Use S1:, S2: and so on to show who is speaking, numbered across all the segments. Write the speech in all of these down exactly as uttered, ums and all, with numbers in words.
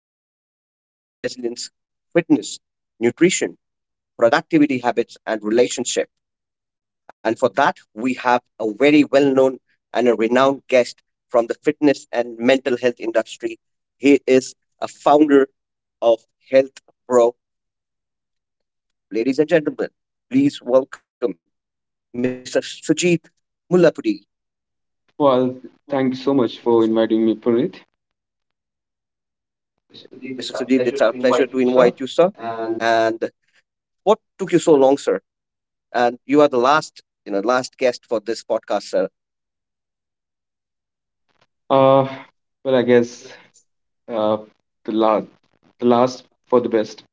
S1: health, emotional resilience, fitness, nutrition, productivity habits, and relationship. And for that, we have a very well known and a renowned guest from the fitness and mental health industry. He is a founder of Health Pro. Ladies and gentlemen, please welcome mister Sujit Mullapudi.
S2: Well, thank you so much for inviting me, Puneet.
S1: mister
S2: Sudhir, it's a
S1: Sujit, it's our
S2: pleasure to
S1: pleasure to
S2: invite you,
S1: invite
S2: sir.
S1: you, sir.
S2: And
S1: And what took you so long, sir? And you are the last, you know, last guest for this podcast, sir.
S2: Uh, well, I guess uh, the last, the last for the best.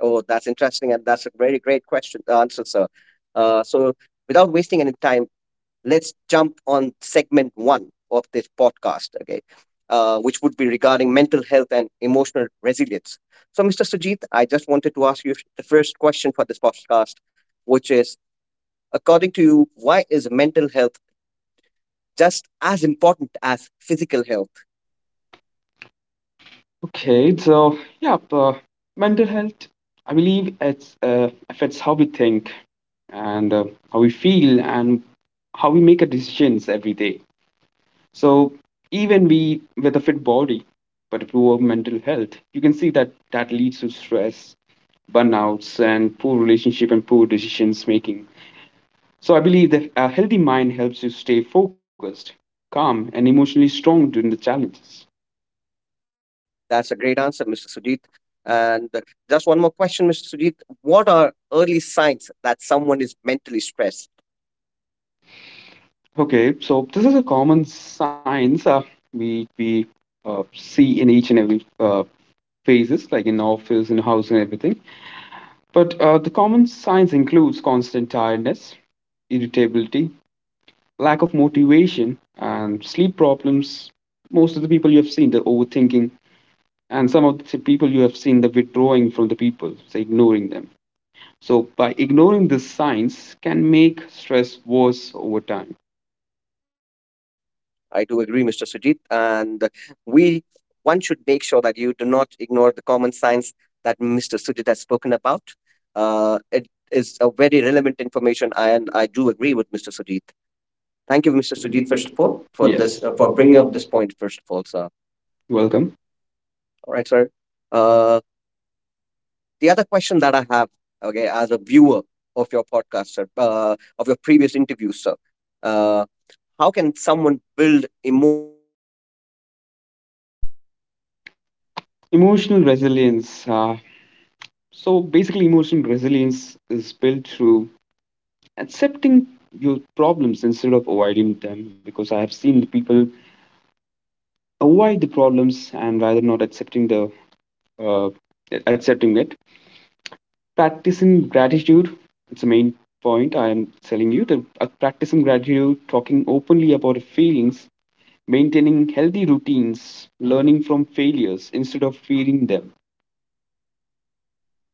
S1: Oh, that's interesting, and that's a very great question uh, answer, sir. Uh, so, Without wasting any time, let's jump on segment one of this podcast, okay? Uh, which would be regarding mental health and emotional resilience. So, mister Sujit, I just wanted to ask you the first question for this podcast, which is, according to you, why is mental health just as important as physical health?
S2: Okay, so yeah, uh, mental health. I believe it's uh, affects how we think and uh, how we feel and how we make our decisions every day. So even we with a fit body, but a poor mental health, you can see that that leads to stress, burnouts, and poor relationship and poor decisions making. So I believe that a healthy mind helps you stay focused, calm, and emotionally strong during the challenges.
S1: That's a great answer, mister Sujit. And just one more question, mister Sujit. What are early signs that someone is mentally stressed?
S2: Okay, so this is a common science uh, we we uh, see in each and every uh, phases, like in office, in house, and everything. But uh, the common signs includes constant tiredness, irritability, lack of motivation, and sleep problems. Most of the people you have seen, the overthinking, and some of the people you have seen the withdrawing from the people, so ignoring them. So by ignoring these signs can make stress worse over time.
S1: I do agree, mister Sujit. And we one should make sure that you do not ignore the common signs that mister Sujit has spoken about. Uh, it is a very relevant information, and I do agree with mister Sujit. Thank
S2: Thank
S1: you,
S2: you,
S1: mister
S2: Mister
S1: Sujit,
S2: Sudhir, for
S1: first of all,
S2: support for
S1: for
S2: Yes.
S1: this
S2: this,
S1: uh,
S2: uh,
S1: for
S2: for
S1: bringing
S2: bringing
S1: up
S2: up
S1: this
S2: this point.
S1: point, first of all, sir.
S2: You're welcome.
S1: All right, sir. Uh, The other question that I have, okay, as a viewer of your podcast, sir, uh, of your previous interviews, sir, uh, how can someone build emotional resilience?
S2: Emotional resilience, uh, so basically emotional resilience is built through accepting your problems instead of avoiding them, because I have seen the people avoid the problems and rather not accepting the uh, accepting it, practicing gratitude. It's the main point I am telling you that, uh, practicing gratitude, talking openly about your feelings, maintaining healthy routines, learning from failures instead of fearing them.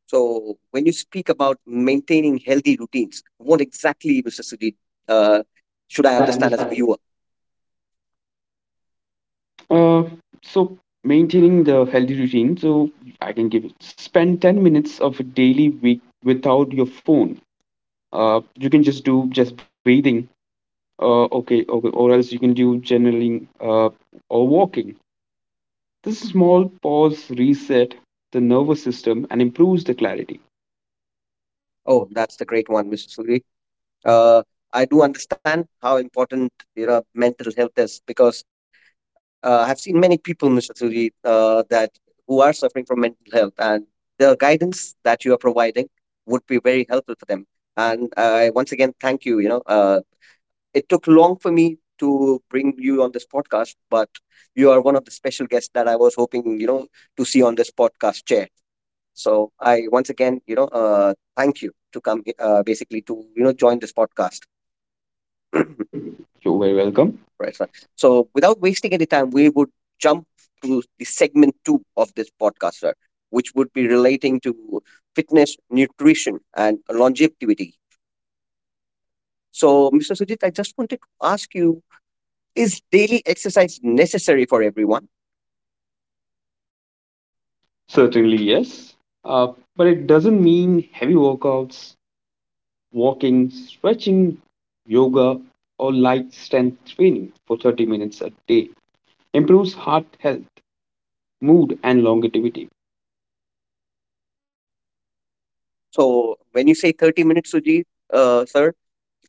S1: So, when you speak about maintaining healthy routines, what exactly, mister Sudhi, uh, should I
S2: should i
S1: understand as a
S2: understand
S1: viewer?
S2: uh, so maintaining the healthy routine, so I can give it, spend ten minutes of a daily week without your phone. uh, you can just do just breathing, uh, okay okay or else you can do journaling, uh, or walking. This small pause resets the nervous system and improves the clarity.
S1: Oh, that's the great one, mister Sudhi. uh, I do understand how important, you know, mental health is, because uh, I've seen many people, mister Suri, uh, that who are suffering from mental health, and the guidance that you are providing would be very helpful for them. And I once again thank you. You know, uh, it took long for me to bring you on this podcast, but you are one of the special guests that I was hoping, you know, to see on this podcast chair. So I once again, you know, uh, thank you to come he- uh, basically to, you know, join this podcast.
S2: You're very welcome.
S1: Right, right. So without wasting any time, we would jump to the segment two of this podcast, sir, which would be relating to fitness, nutrition, and longevity. So, mister Sujit, I just wanted to ask you: Is daily exercise necessary for everyone?
S2: Certainly, yes. Uh, but it doesn't mean heavy workouts, walking, stretching, yoga, or light strength training for thirty minutes a day. Improves heart health, mood, and longevity.
S1: So when you say thirty minutes, Suji, uh, sir,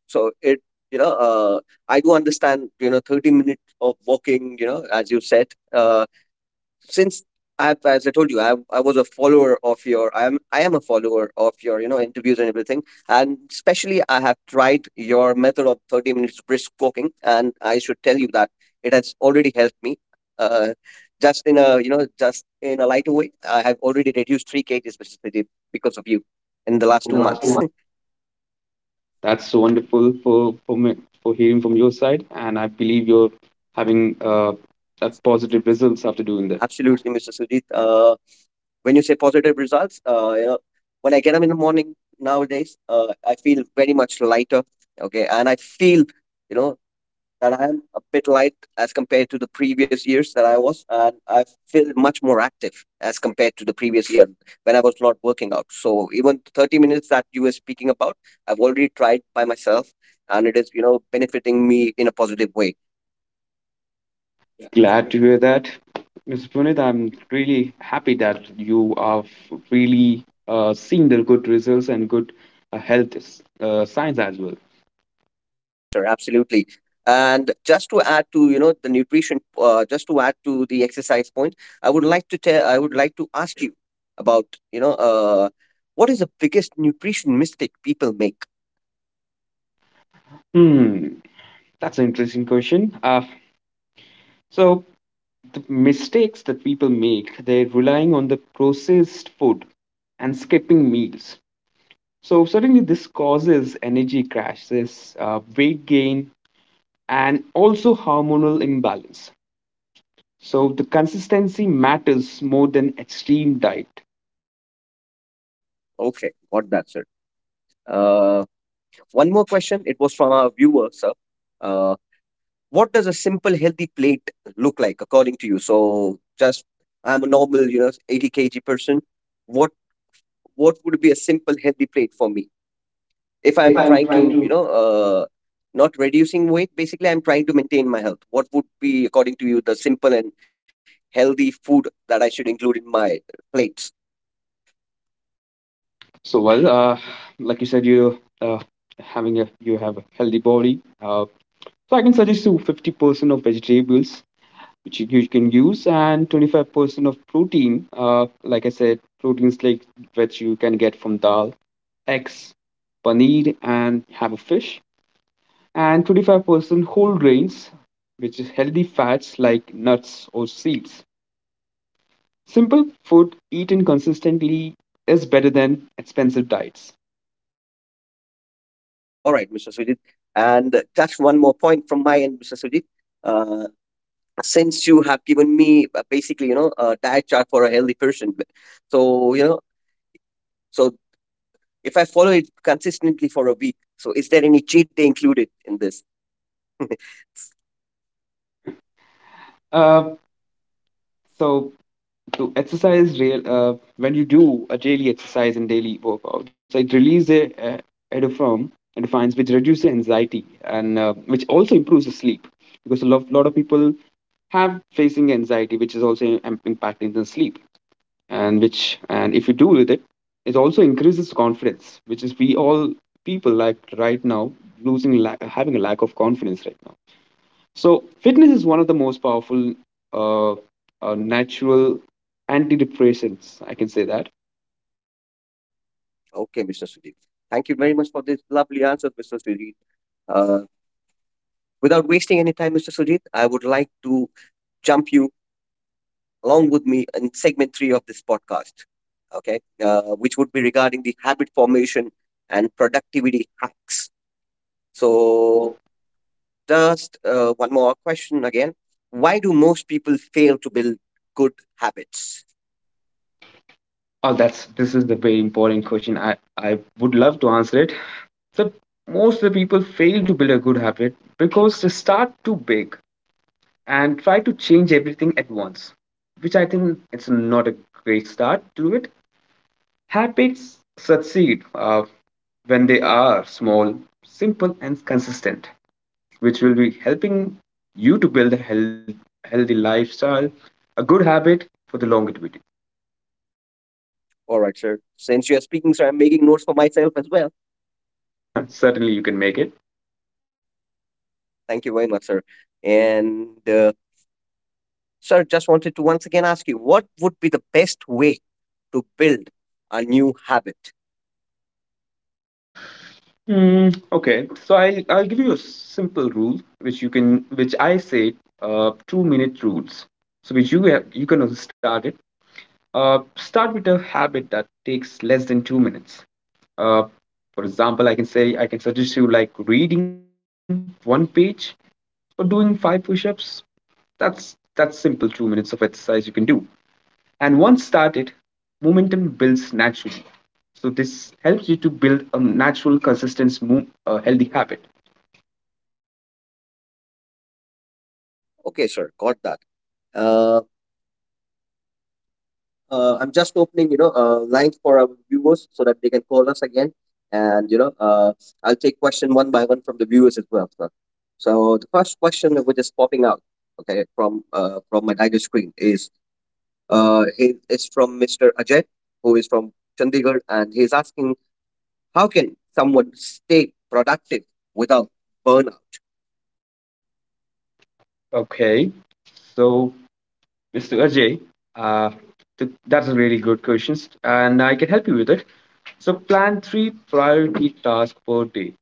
S1: so it, you know, uh, I do understand, you know, thirty minutes of walking, you know, as you said, uh, since I've, as I told you, I, I was a follower of your, I am, I am a follower of your, you know, interviews and everything. And especially I have tried your method of thirty minutes brisk walking. And I should tell you that it has already helped me. Uh, just in a, you know, just in a lighter way, I have already reduced three kgs specifically because of you in the
S2: In
S1: last
S2: the
S1: two
S2: last two
S1: months.
S2: months. That's so wonderful for, for, me, for hearing from your side. And I believe you're having uh, a positive results after doing that.
S1: Absolutely, mister Sujit. Uh, when you say positive results, uh, you know, when I get up in the morning nowadays, uh, I feel very much lighter. Okay, and I feel, you know, that I am a bit light as compared to the previous years that I was, and I feel much more active as compared to the previous year when I was not working out. So even thirty minutes that you were speaking about, I've already tried by myself, and it is, you know, benefiting me in a positive way.
S2: Glad to hear that. Mister Puneet, I'm really happy that you are f- really uh, seeing the good results and good uh, health s- uh, signs as well.
S1: Yes, sir, absolutely. And just to add to, you know, the nutrition, uh, just to add to the exercise point, I would like to tell, I would like to ask you about, you know, uh, what is the biggest nutrition mistake people make?
S2: Hmm, that's an interesting question. Uh, so, the mistakes that people make, they're relying on the processed food and skipping meals. So, certainly, this causes energy crashes, uh, weight gain, and also hormonal imbalance. So, the consistency matters more than extreme diet.
S1: Okay, got that, sir. Uh, One more question. It was from our viewer, sir. Uh, what does a simple healthy plate look like according to you? So, just I'm a normal, you know, eighty k g person. What what would be a simple healthy plate for me, if
S2: If
S1: I'm
S2: I'm
S1: trying
S2: trying
S1: to,
S2: to
S1: you know, uh, not reducing weight, basically, I'm trying to maintain my health. What would be, according to you, the simple and healthy food that I should include in my plates?
S2: So well, uh, like you said, you uh, having a you have a healthy body. Uh, so I can suggest you fifty percent of vegetables, which you, you can use, and twenty five percent of protein. Uh, like I said, proteins like which you can get from dal, eggs, paneer, and have a fish, and twenty five percent whole grains, which is healthy fats like nuts or seeds. Simple food eaten consistently is better than expensive diets.
S1: All right, mister Sujit. And just one more point from my end, mister Sujit. Uh, since you have given me uh, basically, you know, a diet chart for a healthy person, b- so, you know, so if I follow it consistently for a week, so is there any cheat day included in this?
S2: Uh, so to exercise real uh, when you do a daily exercise and daily workouts, it releases a, a endorphin endorphins which reduces anxiety and, uh, which also improves the sleep, because a lot, lot of people have facing anxiety, which is also im- impacting the sleep, and which, and if you do with it, it also increases confidence, which is we all people, like, right now losing la- having a lack of confidence, right? So, fitness is one of the most powerful uh, uh, natural antidepressants. I can say that.
S1: Okay, mister Sudhir. Thank you very much for this lovely answer, mister Sudhir. Uh, Without wasting any time, mister Sudhir, I would like to jump you along with me in segment three of this podcast, okay, uh, which would be regarding the habit formation and productivity hacks. So,
S2: So,
S1: just uh, one more question again. Why do most people fail to build good habits?
S2: oh, that's this is the very important question. I I would love to answer it. So, most of the people fail to build a good habit because they start too big and try to change everything at once, which I think it's not a great start to it. Habits succeed uh, when they are small, simple, and consistent, which will be helping you to build a health, healthy lifestyle, a good habit for the longevity.
S1: All right, sir. Since you are speaking, sir, I'm making notes for myself as well.
S2: Certainly, you can make it.
S1: Thank you very much, sir. And uh, sir, just wanted to once again ask you, what would be the best way to build a new habit?
S2: Mm, okay, so I I'll give you a simple rule which you can, which I say, uh, two minute rules. So which you have, you can also start it. Uh, start with a habit that takes less than two minutes. Uh, for example, I can say I can suggest you like reading one page or doing five push-ups. That's that's simple two minutes of exercise you can do. And once started, momentum builds naturally. So this helps you to build a natural, consistent, move, uh, healthy habit.
S1: Okay, sir, got that. Uh, uh, I'm just opening, you know, uh, lines for our viewers so that they can call us again. And, you know, uh, I'll take question one by one from the viewers as well, sir. So the first question which is popping out, okay, from uh, from my tiger screen is uh, is is from mister Ajay, who is from Chandigarh, and he's asking: How can someone stay productive without burnout?
S2: Okay, so Mister Ajay, uh, th- that's a really good question, and I can help you with it. So plan three priority tasks per day.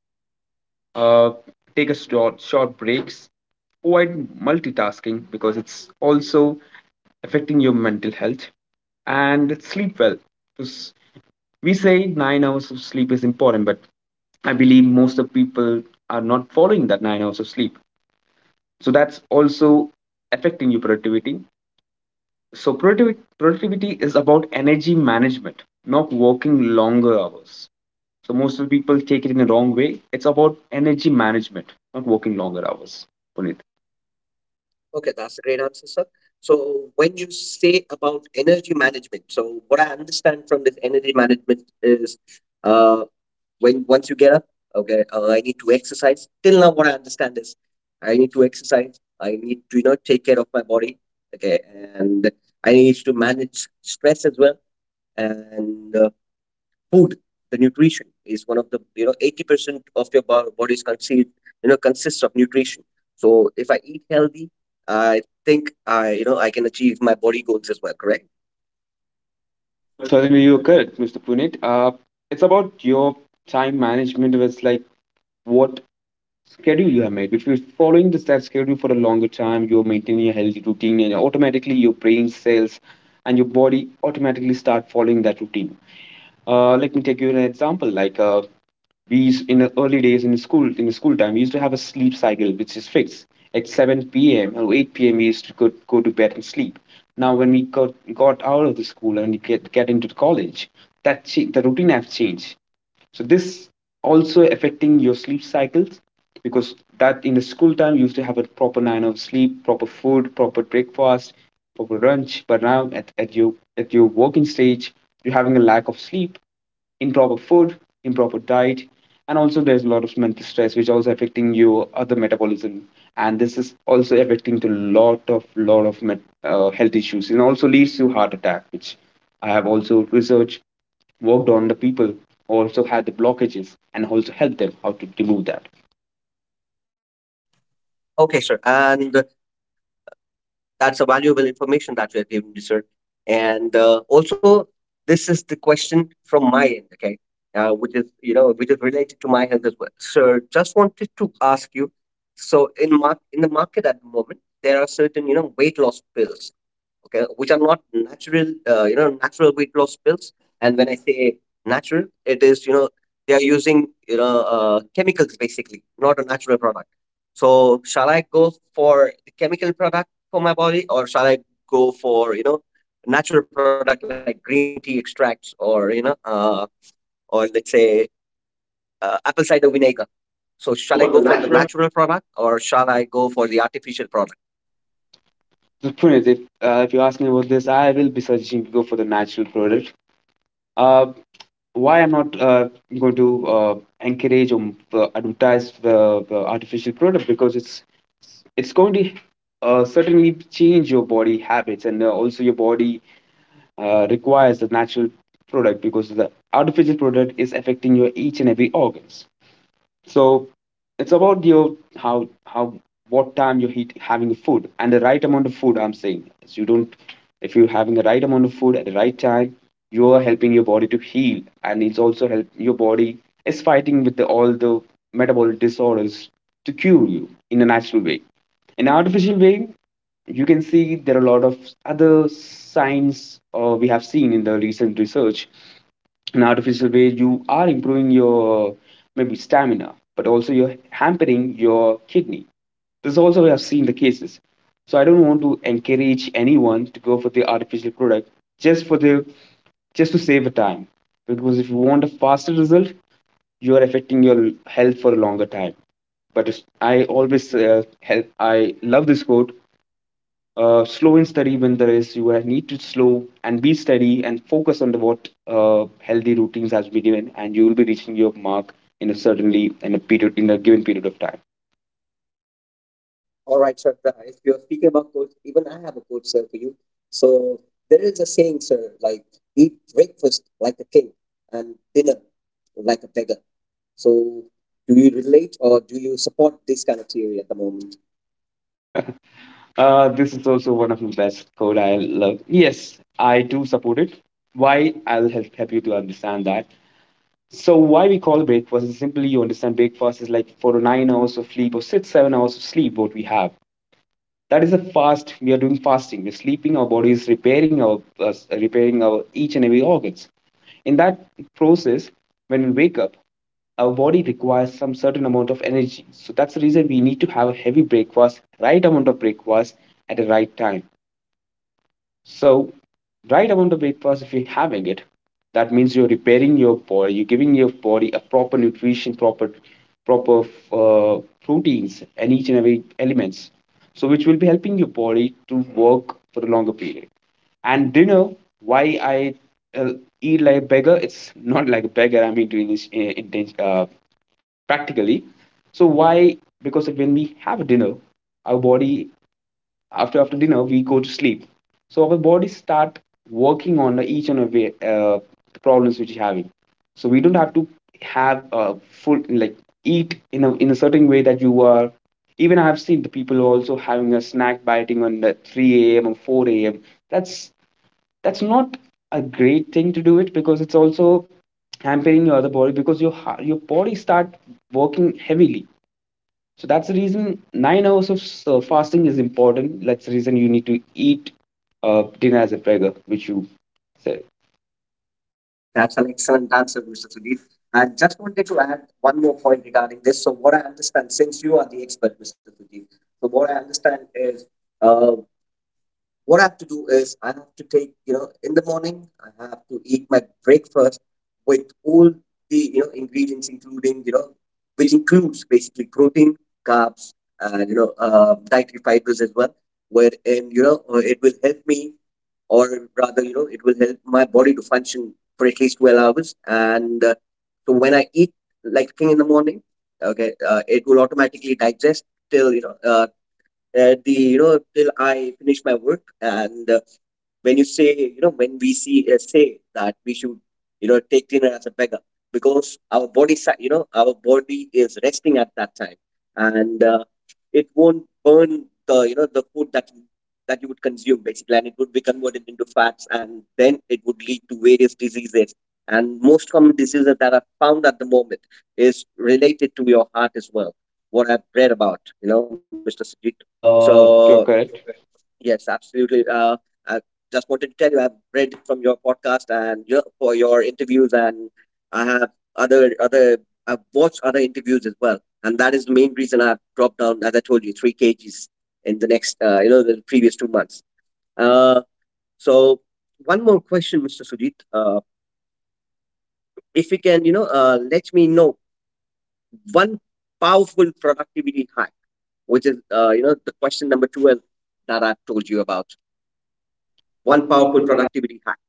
S2: Uh, take a short short breaks. Avoid multitasking, because it's also affecting your mental health, and sleep well. 'Cause we say nine hours of sleep is important, but I believe most of people are not following that nine hours of sleep. So that's also affecting your productivity. So productivity productivity is about energy management, not working longer hours. So most of the people take it in the wrong way. It's about energy management, not working longer hours. Puneet.
S1: Okay, that's a great answer, sir. So, when you say about energy management, so what I understand from this energy management is, uh, when once you get up, okay, uh, I need to exercise. Till now, what I understand is I need to exercise, I need to, you know, take care of my body, okay, and I need to manage stress as well. And uh, food, the nutrition is one of the, you know, eighty percent of your bo- body is conceived you know consists of nutrition. So if I eat healthy, I think I, you know, I can achieve my body goals as well. Correct?
S2: Certainly you're correct, Mister Puneet. Uh, it's about your time management. It's like what schedule you have made. If you're following this that schedule for a longer time, you're maintaining a healthy routine, and automatically your brain cells and your body automatically start following that routine. Uh, let me take you an example. Like uh, we used, in the early days in school, in the school time, we used to have a sleep cycle which is fixed. At seven p m or eight p m, we used to go, go to bed and sleep. Now, when we got, got out of the school and we get, get into the college, that the routine has changed, so this also affecting your sleep cycles, because that in the school time you used to have a proper nine hours sleep, proper food, proper breakfast, proper lunch, but now at, at your, at your working stage, you're having a lack of sleep, improper food, improper diet, and also there's a lot of mental stress, which also affecting your other metabolism, and this is also affecting to lot of lot of met, uh, health issues and also leads to heart attack, which I have also researched, worked on the people also had the blockages and also helped them how to remove that.
S1: Okay, sir. And that's a valuable information that you have given me, sir. And uh, also, this is the question from my end. Okay. Uh, which is, you know, which is related to my health as well, sir. Just wanted to ask you, so in mar- in the market at the moment, there are certain, you know, weight loss pills, okay, which are not natural, uh, you know, natural weight loss pills. And when I say natural, it is, you know, they are using, you know, uh, chemicals basically, not a natural product. So shall I go for the chemical product for my body, or shall I go for, you know, natural product like green tea extracts, or, you know, uh, or let's say uh, apple cider vinegar?
S2: So
S1: So
S2: shall I go
S1: shall I
S2: for the
S1: go for the
S2: natural?
S1: natural product, or shall I go for the artificial product?
S2: So Puneet, if uh, if you ask me about this, I will be suggesting to go for the natural product. Uh, why I'm not uh, going to uh, encourage or uh, advertise the, the artificial product, because it's it's going to uh, certainly change your body habits, and uh, also your body uh, requires the natural product, because the artificial product is affecting your each and every organs. So it's about your how how what time you're eat, having food and the right amount of food. I'm saying is you don't, if you're having the right amount of food at the right time, you are helping your body to heal, and it's also help your body is fighting with the, all the metabolic disorders to cure you in a natural way. In artificial way, you can see there are a lot of other signs, uh, we have seen in the recent research, an artificial way, you are improving your maybe stamina, but also you're hampering your kidney. This is also we have seen the cases. So I don't want to encourage anyone to go for the artificial product just for the, just to save a time. Because if you want a faster result, you are affecting your health for a longer time. But if- I always uh, help. I love this quote, uh, slow and steady. When there is you need to slow and be steady and focus on the what uh, healthy routines has been given, and you will be reaching your mark in a certainly in a period in a given period of time.
S1: All right, Shraddha, if you're speaking about coach, even I have a coach, sir, for you. So there is a saying, sir, like eat breakfast like a king and dinner like a beggar. So do you relate or do you support this kind of theory at the moment?
S2: Uh, This is also one of the best code I love. Yes, I do support it. Why, i'll help, help you to understand that. So why we call breakfast is simply you understand breakfast is like for nine hours of sleep or six seven hours of sleep what we have. That is a fast, we are doing fasting, we're sleeping, our body is repairing our uh, repairing our each and every organs in that process. When we wake up, our body requires some certain amount of energy, so that's the reason we need to have a heavy breakfast, right amount of breakfast at the right time. So right around the breakfast, if you're having it, that means you're repairing your body, you're giving your body a proper nutrition, proper proper uh, proteins and each and every elements. So which will be helping your body to work for a longer period. And dinner, why I uh, eat like a beggar? It's not like a beggar. I mean, to this uh, inten- uh, practically. So why? Because when we have dinner, our body, after after dinner we go to sleep, so our body start working on each and every uh, problems which you're having. So we don't have to have a full, like, eat in a in a certain way that you are. Even I've seen the people also having a snack biting on the three a.m or four a.m. that's that's not a great thing to do it, because it's also hampering your other body, because your heart, your body start working heavily. So that's the reason nine hours of uh, fasting is important. That's the reason you need to eat uh, dinner as a beggar, which you said.
S1: That's an excellent answer, mister Sudhir. I just wanted to add one more point regarding this. So what I understand, since you are the expert, mister Sudhir, so what I understand is, uh, what I have to do is I have to take, you know, in the morning, I have to eat my breakfast with all the, you know, ingredients, including, you know, which includes basically protein, carbs, and, you know, uh, dietary fibers as well, wherein, you know, uh, it will help me, or rather, you know, it will help my body to function for at least twelve hours. And uh, so when I eat like thing in the morning, okay, uh, it will automatically digest till, you know, uh, at the, you know, till I finish my work. And uh, when you say, you know, when we see, uh, say that we should, you know, take dinner as a beggar, because our body, si- you know, our body is resting at that time, and uh, it won't burn the, you know, the food that you- that you would consume basically, and it would be converted into fats, and then it would lead to various diseases. And most common diseases that are found at the moment is related to your heart as well. What I've read about, you know, mister Sajid. So
S2: So you're correct.
S1: Yes, absolutely. Uh, I just wanted to tell you, I've read from your podcast and your for your interviews, and I have other other. I've watched other interviews as well, and that is the main reason I've dropped down, as I told you, three kgs in the next, uh, you know, the previous two months. Uh, so one more question, mister Sujit. Uh, if you can, you know, uh, let me know one powerful productivity hack, which is, uh, you know, the question number twelve that I've told you about. One
S2: One
S1: powerful
S2: powerful product.
S1: productivity hack.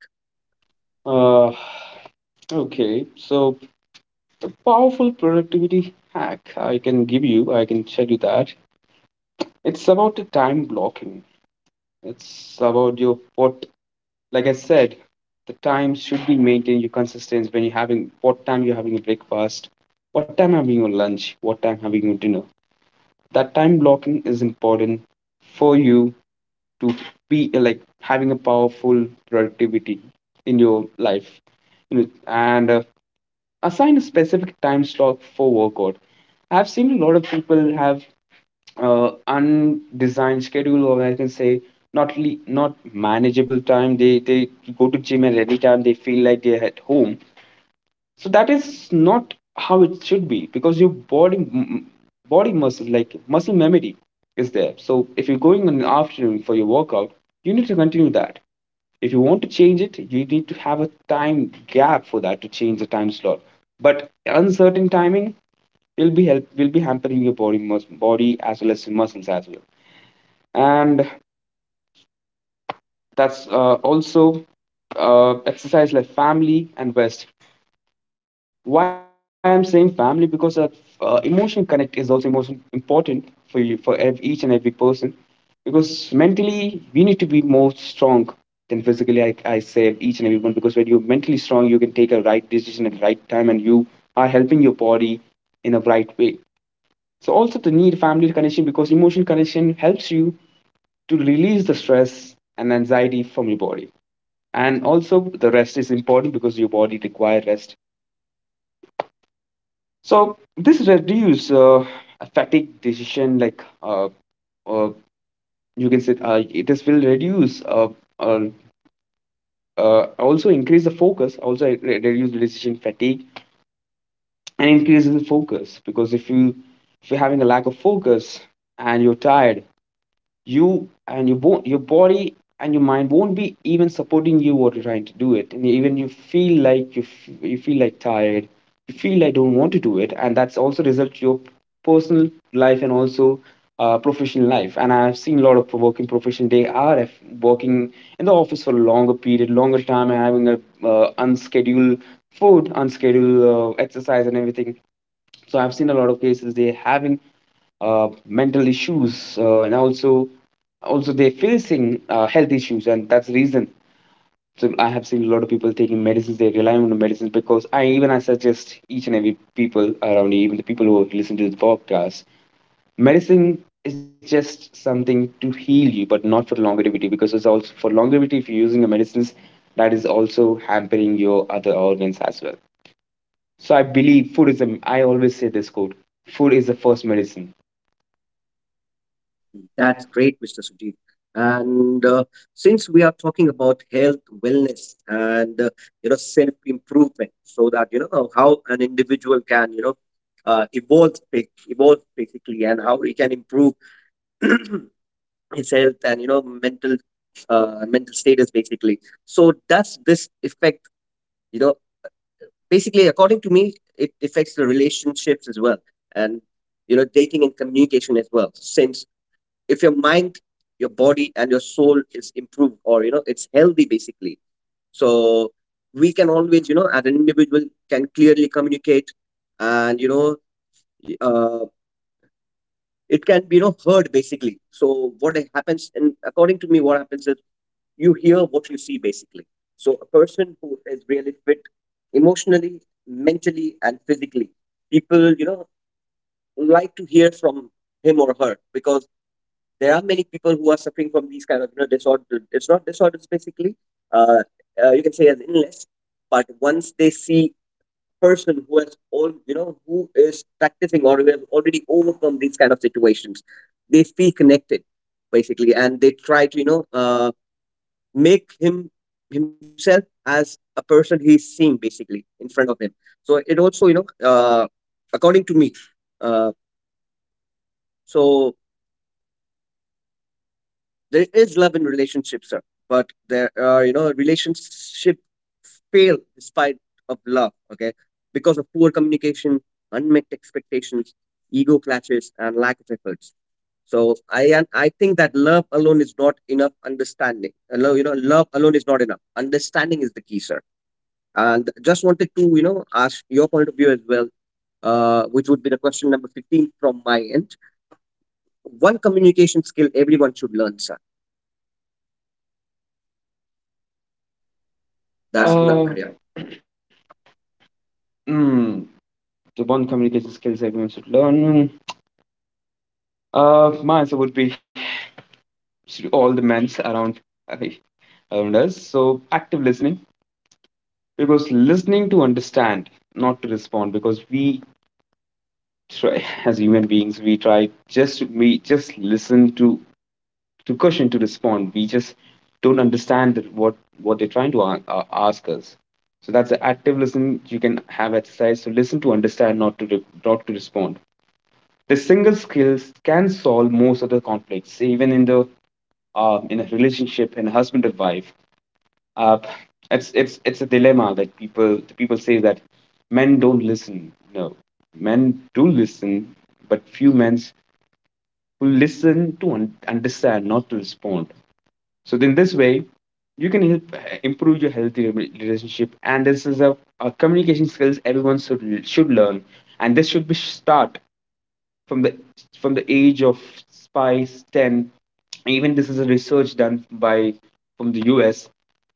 S2: Uh, okay, so the powerful productivity hack I can give you, I can tell you that, it's about the time blocking. It's about your what, like I said, the time should be maintained. Your consistency when you're having what time you're having a breakfast, what time having your lunch, what time having your dinner. That time blocking is important for you to be uh, like having a powerful productivity in your life, you know, and uh, assign a specific time slot for workout. I've seen a lot of people have uh, undesigned schedule, or I can say not le- not manageable time. They they go to gym at any time they feel like they're at home. So that is not how it should be, because your body m- body muscle, like muscle memory is there. So if you're going in the afternoon for your workout, you need to continue that. If you want to change it, you need to have a time gap for that to change the time slot. But uncertain timing will be help will be hampering your body mus- body as well as your muscles as well. And that's uh, also uh, exercise, like family and rest. Why I'm saying family? Because uh, uh, emotion connect is also emotion important for you for ev- each and every person, because mentally we need to be more strong than physically. I, I say each and every one, because when you're mentally strong you can take a right decision at the right time, and you are helping your body in a right way. So also the need family connection, because emotional connection helps you to release the stress and anxiety from your body. And also the rest is important because your body require rest. So this reduce uh, fatigue decision like uh, uh, you can say uh, it is will reduce uh, uh, uh, also increase the focus, also it re- reduce the decision fatigue and increases the focus. Because if you, if you're having a lack of focus and you're tired, you and you won't, your body and your mind won't be even supporting you what you're trying to do it. And even you feel like you, f- you feel like tired, you feel like don't want to do it. And that's also result to your personal life and also uh, professional life. And I've seen a lot of working profession, they are f- working in the office for a longer period longer time and having a uh, unscheduled food, unscheduled uh, exercise and everything. So I've seen a lot of cases, they having uh, mental issues, uh, and also also they're facing uh, health issues, and that's the reason. So I have seen a lot of people taking medicines, they rely on the medicines. Because I, even I suggest each and every people around, even the people who listen to the podcast, medicine is just something to heal you but not for longevity. Because it's also for longevity, if you're using a medicines, that is also hampering your other organs as well. So I believe food is a. I always say this quote: food is the first medicine.
S1: That's great, mister Sujit. And uh, since we are talking about health, wellness, and uh, you know self improvement, so that you know how an individual can you know uh, evolve, ba- evolve basically, and how he can improve his health and you know mental uh, mental status basically. So does this affect, you know, basically, according to me, it affects the relationships as well, and, you know, dating and communication as well. Since if your mind, your body, and your soul is improved, or, you know, it's healthy basically, so we can always, you know, as an individual, can clearly communicate and, you know, y- uh, it can be, you know, heard basically. So what happens, and according to me what happens is, you hear what you see basically. So a person who is really fit emotionally, mentally, and physically, people, you know, like to hear from him or her, because there are many people who are suffering from these kind of, you know, disorder it's not disorders basically, uh, uh, you can say as illness. But once they see a person who has all, you know, who is practicing or who has already overcome these kind of situations, they feel connected basically, and they try to, you know uh, make him himself as a person he's seeing basically in front of him. So it also, you know uh, according to me, uh, so there is love in relationships, sir, but there are, you know, relationship fail despite of love, okay, because of poor communication, unmet expectations, ego clashes, and lack of efforts. So i and i think that love alone is not enough understanding. Uh, love, you know, love alone is not enough, understanding is the key, sir. And just wanted to, you know, ask your point of view as well, uh, which would be the question number fifteen from my end. One communication skill everyone should learn, sir.
S2: That's
S1: That's n-
S2: Uh,
S1: yeah.
S2: yeah. Mm, the one communication skills everyone should learn. Mm, Uh, my answer would be to all the men around around us. So active listening, because listening to understand, not to respond. Because we try as human beings, we try just to, we just listen to to question to respond. We just don't understand that what what they're trying to a- a- ask us. So that's the active listening. You can have exercise to listen to understand, not to re- not to respond. The single skills can solve most of the conflicts, even in the um, in a relationship, in a husband and wife. uh, it's it's it's a dilemma that people the people say that men don't listen. No, men do listen, but few men who listen to un- understand, not to respond. So in this way, you can help uh, improve your healthy re- relationship. And this is a, a communication skills everyone should should learn, and this should be start from the from the age of five, ten. Even this is a research done by from the U S.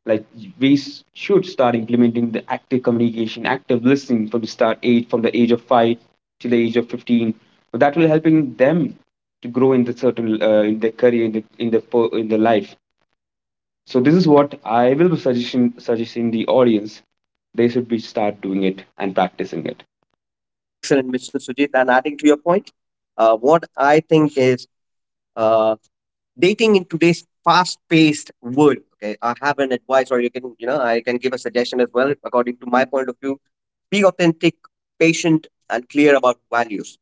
S2: Like we s- should start implementing the active communication, active listening from the start age, from the age of five till the age of fifteen. So that will helping them to grow in the certain uh, in their career, in the in the po- in the life. So this is what I will be suggesting suggesting the audience. They should be start doing it and practicing it.
S1: Excellent, mister Sujit. And adding to your point, uh, what I think is, uh, dating in today's fast-paced world. Okay, I have an advice, or you can, you know, I can give a suggestion as well. According to my point of view, be authentic, patient, and clear about values.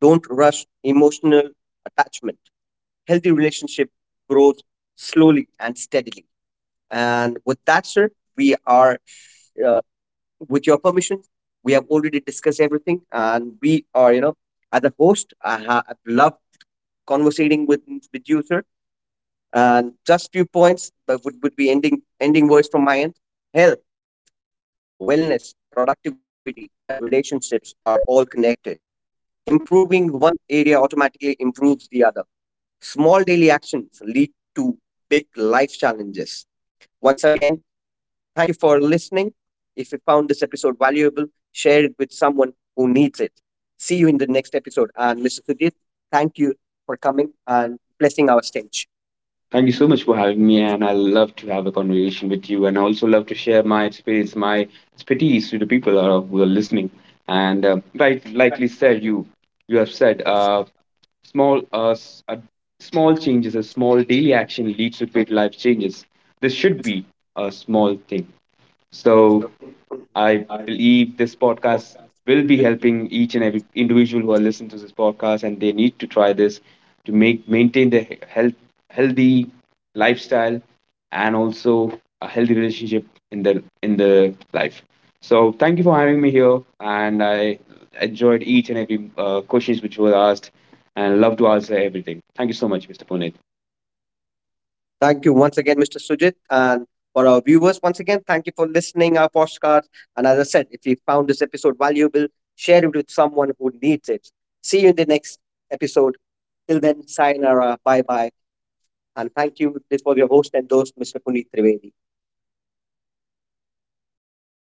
S1: Don't rush emotional attachment. Healthy relationship grows slowly and steadily. And with that, sir, we are, uh, with your permission, we have already discussed everything, and we are, you know, as a host, I ha- I've loved conversating with with you, sir. And just few points that would, would be ending ending words from my end. Health, wellness, productivity, and relationships are all connected. Improving one area automatically improves the other. Small daily actions lead to big life challenges. Once again, thank you for listening. If you found this episode valuable, share it with someone who needs it. See you in the next episode. And mister Sudhir, thank you for coming and blessing our stage.
S2: Thank you so much for having me, and I love to have a conversation with you, and I also love to share my experience, my expertise to the people who are who are listening. And uh, right, likely said, you you have said, uh, small uh, s- uh, small changes, a small daily action leads to great life changes. This should be a small thing. So
S1: So,
S2: I
S1: uh,
S2: believe this podcast will be helping each and every individual who are listening to this podcast, and they need to try this to make maintain their he- health, healthy lifestyle, and also a healthy relationship in the in the life. So thank you for having me here, and I enjoyed each and every uh, questions which were asked, and love to answer everything. Thank you so much, mister Puneet.
S1: Thank you once again, mister Sujit. And for our viewers, once again, thank you for listening our postcards. And as I said, if you found this episode valuable, share it with someone who needs it. See you in the next episode. Till then, sayonara, bye bye. And thank you this for your host and host, mister Puneet Trivedi.